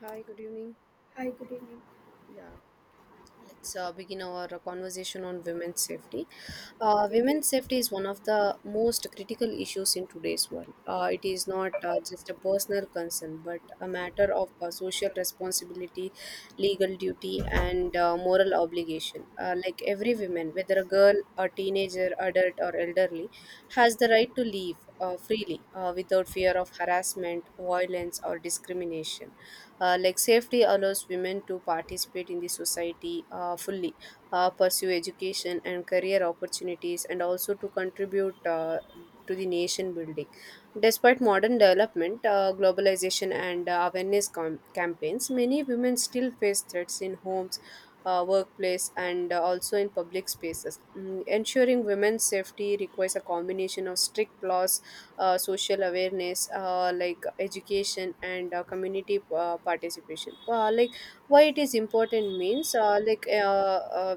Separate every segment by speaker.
Speaker 1: Hi, good evening.
Speaker 2: Hi, good evening.
Speaker 1: Yeah, let's begin our conversation on women's safety.
Speaker 2: Yep.
Speaker 1: Women's safety is one of the most critical issues in today's world. It is not just a personal concern, but a matter of social responsibility, legal duty, and moral obligation. Like every woman, whether a girl, a teenager, adult, or elderly, has the right to live freely without fear of harassment, violence, or discrimination like safety allows women to participate in the society fully, pursue education and career opportunities, and also to contribute to the nation building. Despite modern development, globalization, and awareness campaigns, many women still face threats in homes, workplace, and also in public spaces. Ensuring women's safety requires a combination of strict laws social awareness, like education and community participation. Like why it is important means like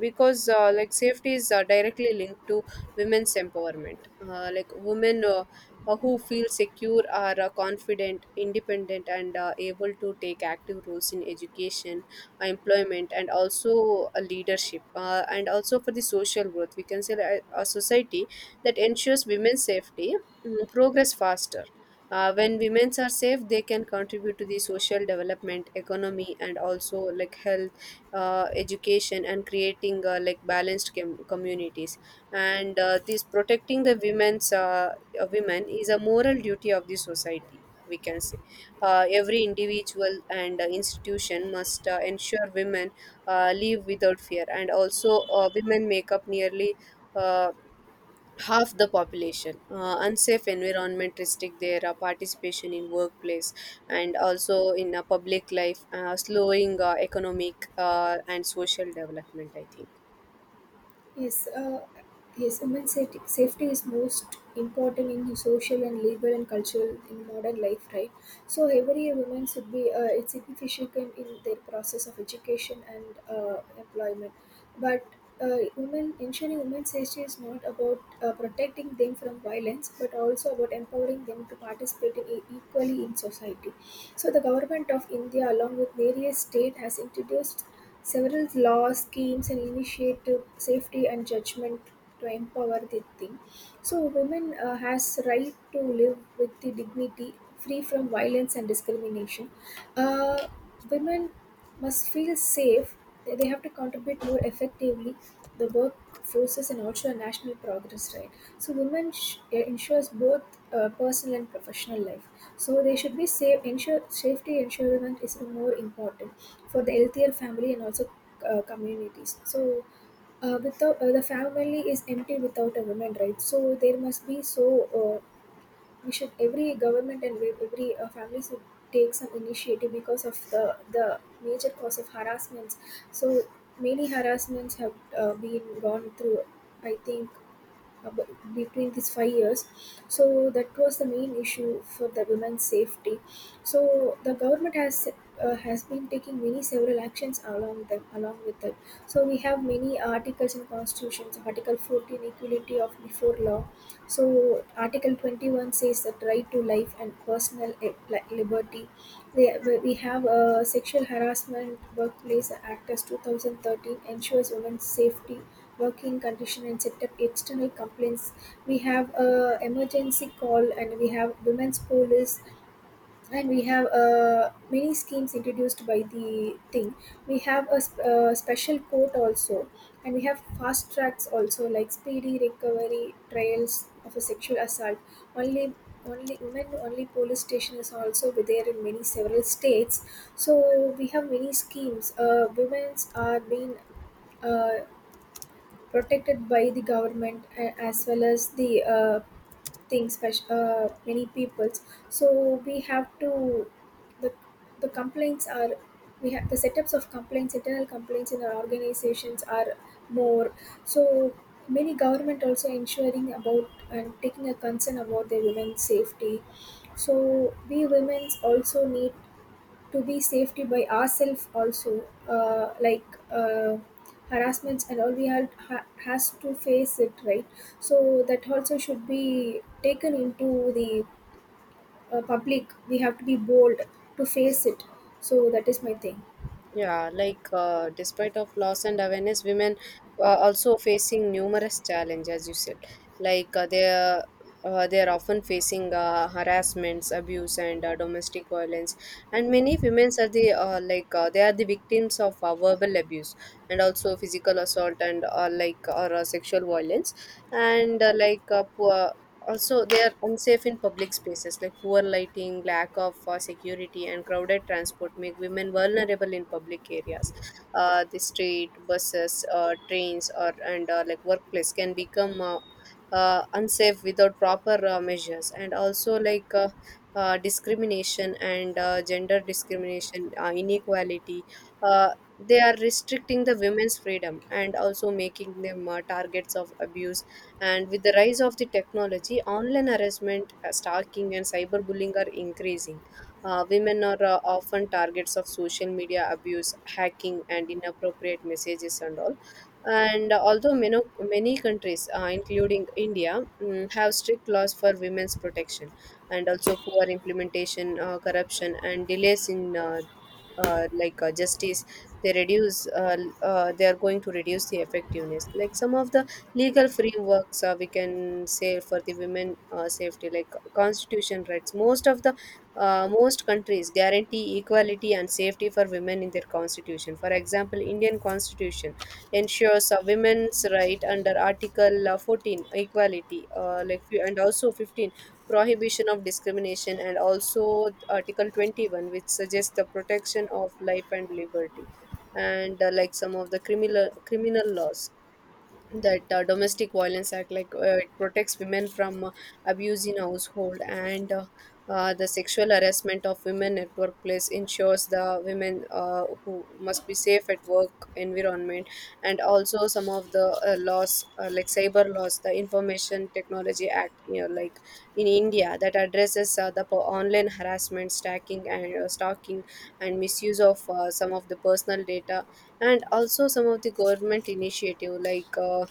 Speaker 1: because Like safety is directly linked to women's empowerment. Like women Who feel secure are confident, independent, and able to take active roles in education, employment, and also leadership, and also for the social growth. We can say that a society that ensures women's safety progress faster. When women are safe, they can contribute to the social development, economy, and also like health, education, and creating like balanced communities. And this protecting the women is a moral duty of the society. We can say every individual and institution must ensure women live without fear, and also women make up nearly. Uh, Half the population. Unsafe environment restrict their participation in workplace and also in public life, slowing economic and social development. I think.
Speaker 2: Yes, uh, yes, human safety is most important in social and legal and cultural in modern life, right? So every woman should be it's significant in their process of education and employment. But women ensuring women's safety is not about protecting them from violence, but also about empowering them to participate in, equally in society. So the government of India, along with various state, has introduced several laws, schemes, and initiative safety and judgment to empower the team. So women has right to live with the dignity, free from violence and discrimination. Uh, women must feel safe. They have to contribute more effectively the work forces and also a national progress, right? So women ensures both personal and professional life, so they should be safe, ensure safety ensuring is more important for the healthier family and also communities. So without the family is empty without a woman, right? So there must be. So uh, we should every government and every family should take some initiative because of the major cause of harassments. So many harassments have been gone through, I think, ab- between these 5 years. So that was the main issue for the women's safety. So the government has been taking many several actions along them along with them. So we have many articles in constitutions, article 14, equality of before law. So article 21 says that right to life and personal liberty. They, we have a sexual harassment workplace act as 2013 ensures women's safety working condition and set up external complaints. We have a emergency call and we have women's police, and we have many schemes introduced by the thing. We have a, a special court also, and we have fast tracks also like speedy recovery trials of a sexual assault. Only only women only police station is also there in many several states. So we have many schemes, women's are being uh, protected by the government as well as the things many peoples. So we have to, the the complaints are, we have the setups of complaints, internal complaints in our organizations are more. So many government also ensuring about and taking a concern about their women's safety. So we women also need to be safety by ourselves also, uh, like uh, harassments and all we have ha, has to face it, right? So that also should be taken into the public. We have to be bold to face it. So that is my thing.
Speaker 1: Yeah, like despite of loss and awareness, women are also facing numerous challenges, as you said. Like they are often facing harassments, abuse, and domestic violence. And many women are they are the victims of verbal abuse and also physical assault and like or sexual violence. And poor, also, they are unsafe in public spaces, like poor lighting, lack of security, and crowded transport make women vulnerable in public areas. The street, buses, trains, or and like workplace can become unsafe without proper measures. And also, discrimination and gender discrimination, inequality. Uh, they are restricting the women's freedom and also making them targets of abuse and with the rise of the technology, online harassment, stalking, and cyberbullying are increasing. Women are often targets of social media abuse, hacking, and inappropriate messages and all. And although many countries, including India, have strict laws for women's protection, and also poor implementation, corruption, and delays in justice, they reduce. They are going to reduce the effectiveness. Like some of the legal frameworks we can say for the women safety, like constitution rights, most of the most countries guarantee equality and safety for women in their constitution. For example, Indian constitution ensures women's right under article 14, equality and also 15, prohibition of discrimination, and also article 21, which suggests the protection of life and liberty. And like some of the criminal laws, that domestic violence act, like it protects women from abuse in household and the sexual harassment of women at workplace, ensures the women who must be safe at work environment. And also some of the laws, like cyber laws, the information technology act, you know, like in India, that addresses online harassment, stacking, and stalking and misuse of some of the personal data. And also some of the government initiative, like uh,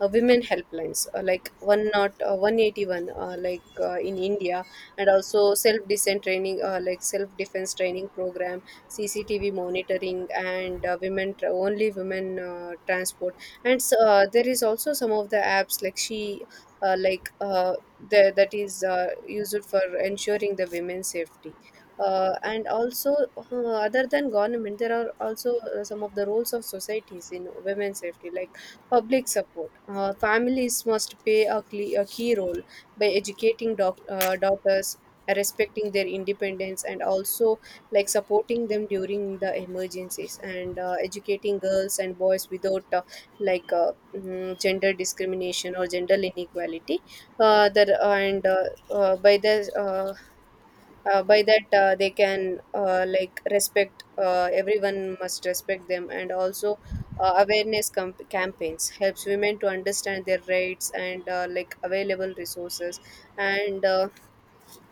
Speaker 1: uh, women helplines, like one not 181, in India, and also self defense training, self defense training program, CCTV monitoring, and only women transport. And s There is also some of the apps like She, uh, like uh, that is used for ensuring the women's safety. And also, other than government, there are also some of the roles of societies in women's safety, like public support. Families must play a key role by educating daughters, respecting their independence, and also like supporting them during the emergencies, and educating girls and boys without gender discrimination or gender inequality. Uh, the, and by the By that, they can like respect, everyone must respect them. And also awareness campaigns helps women to understand their rights and like available resources. And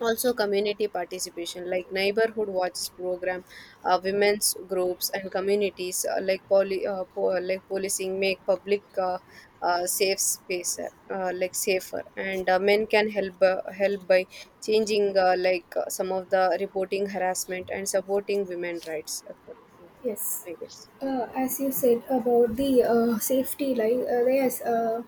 Speaker 1: also community participation, like neighborhood watches program, women's groups and communities, like policing, make public safe space like safer. And men can help help by changing some of the reporting harassment and supporting women rights, yeah,
Speaker 2: Yes,
Speaker 1: I guess.
Speaker 2: as you said about the safety like, yes,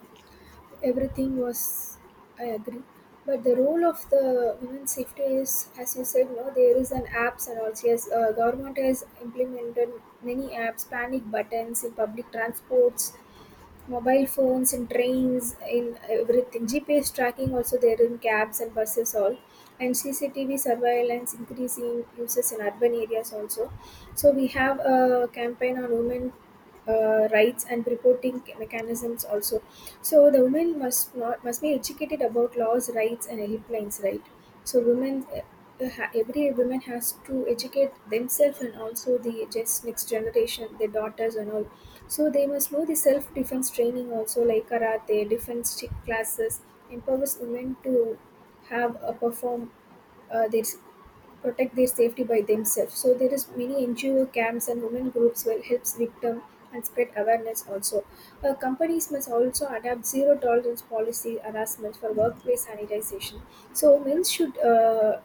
Speaker 2: everything was. I agree, but the role of the women safety is, as you said, no, there is an apps and also yes, government has implemented many apps, panic buttons in public transports, mobile phones in trains in everything, GPS tracking also there in cabs and buses all, and CCTV surveillance increasing uses in urban areas also. So we have a campaign on women rights and reporting mechanisms also. So the women must not must be educated about laws rights and helplines, right? So women every woman has to educate themselves and also the just next generation, their daughters and all. So they must know the self defense training also, like karate, classes, empowers women to have a perform uh, their s- protect their safety by themselves. So there is many NGO camps and women groups will helps victim and spread awareness also. Companies must also adapt zero tolerance policy harassment for workplace sanitization. So men should uh,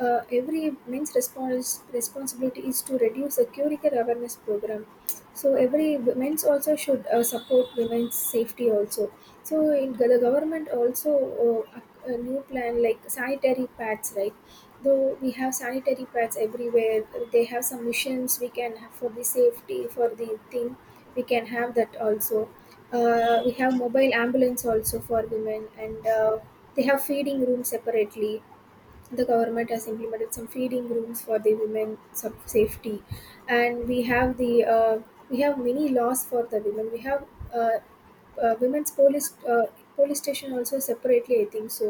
Speaker 2: uh, every men's responsibility is to reduce the curricular awareness program. So every women's also should support women's safety also. So in, the government also a new plan like sanitary pads, right? Though we have sanitary pads everywhere, they have some missions we can have for the safety for the thing, we can have that also. We have mobile ambulance also for women and they have feeding room separately. The government has implemented some feeding rooms for the women some safety. And we have the we have many laws for the women. We have uh, women's police, police station also separately, I think so,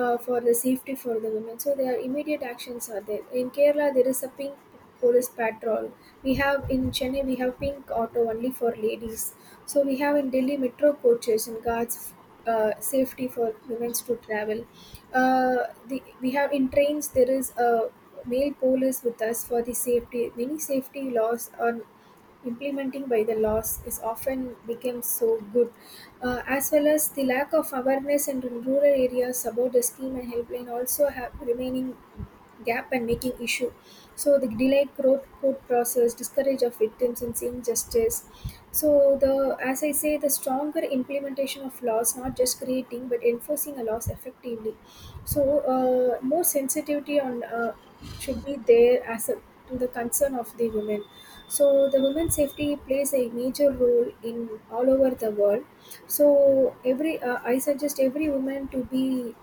Speaker 2: for the safety for the women. So their immediate actions are there in Kerala. There is a pink police patrol. We have in Chennai we have pink auto only for ladies. So we have in Delhi metro coaches and guards, safety for women to travel. uh, we have in trains there is a male police with us for the safety. Many safety laws on implementing by the laws is often become so good, as well as the lack of awareness in rural areas about the scheme and helpline also have remaining gap and making issue. So the delayed court process discourage of victims in seeing justice. So the, as I say, the stronger implementation of laws, not just creating but enforcing a laws effectively. So more sensitivity on should be there as a, to the concern of the women. So the women's safety plays a major role in all over the world. So every, I suggest every woman to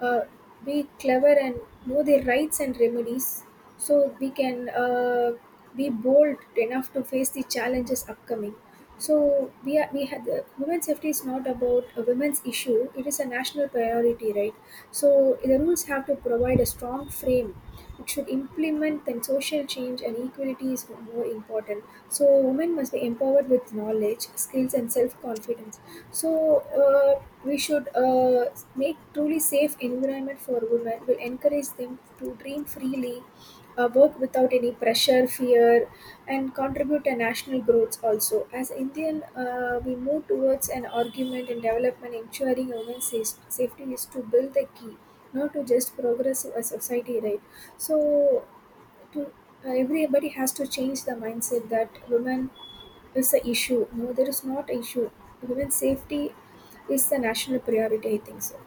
Speaker 2: uh, be clever and know their rights and remedies. So we can be bold enough to face the challenges upcoming. So we are, we had the women's safety is not about a women's issue, it is a national priority, right? So the rules have to provide a strong frame. It should implement then social change and equality is more important. So women must be empowered with knowledge, skills, and self-confidence. So we should make truly safe environment for women. Will encourage them to dream freely, work without any pressure, fear, and contribute to national growth. Also, as Indian, we move towards an argument and development, ensuring women's safety is to build the key, not to just progress a society. Right. So to, everybody has to change the mindset that women is the issue. No, there is not an issue. Women's safety is the national priority, I think so.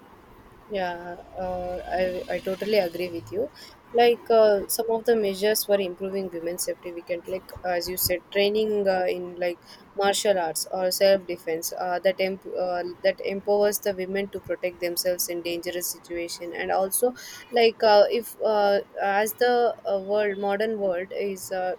Speaker 1: Yeah, I totally agree with you. Like some of the measures for improving women's safety, we can, like as you said, training in like martial arts or self defense that empowers the women to protect themselves in dangerous situation. And also like if as the world modern world is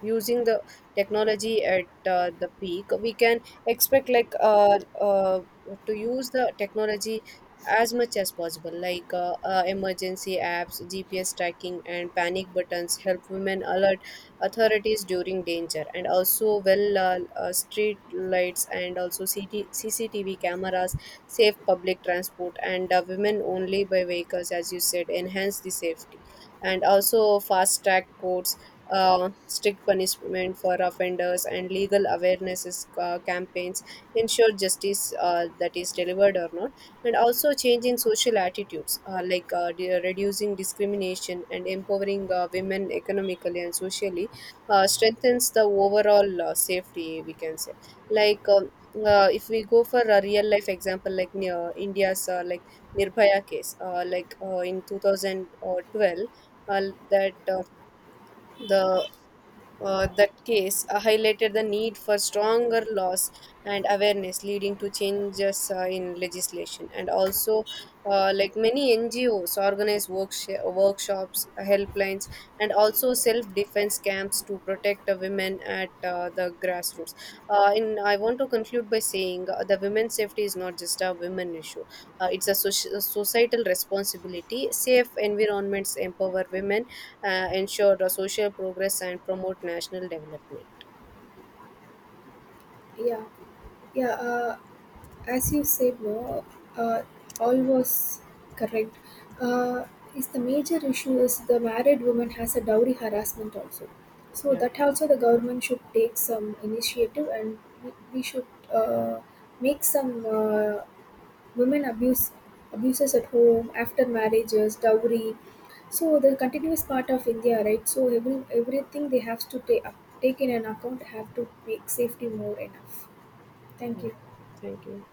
Speaker 1: using the technology at the peak, we can expect to use the technology as much as possible, like emergency apps, GPS tracking, and panic buttons help women alert authorities during danger. And also, well, street lights and also cctv cameras, safe public transport, and women only by vehicles as you said enhance the safety. And also fast track courts, strict punishment for offenders, and legal awareness is, campaigns ensure justice, that is delivered or not. And also changing social attitudes, reducing discrimination and empowering women economically and socially strengthens the overall safety, we can say. Like, if we go for a real life example, like India's like Nirbhaya case, in 2012, uh, that uh, the that case highlighted the need for stronger laws and awareness, leading to changes in legislation. And also like many NGOs organize workshops, helplines, and also self-defense camps to protect the women at the grassroots. Uh, in i want to conclude by saying the women's safety is not just a women issue. It's a societal responsibility. Safe environments empower women, ensure the social progress and promote national development.
Speaker 2: Yeah, yeah. As you said, no, uh, all was correct. Uh, is the major issue is the married woman has a dowry harassment also. So
Speaker 1: Yeah.
Speaker 2: that also the government should take some initiative and we should uh, make some women abuse abuses at home after marriages dowry, so the continuous part of India, right? So every everything they have to take, up, take in an account, have to make safety more enough. Thank you.
Speaker 1: Thank you.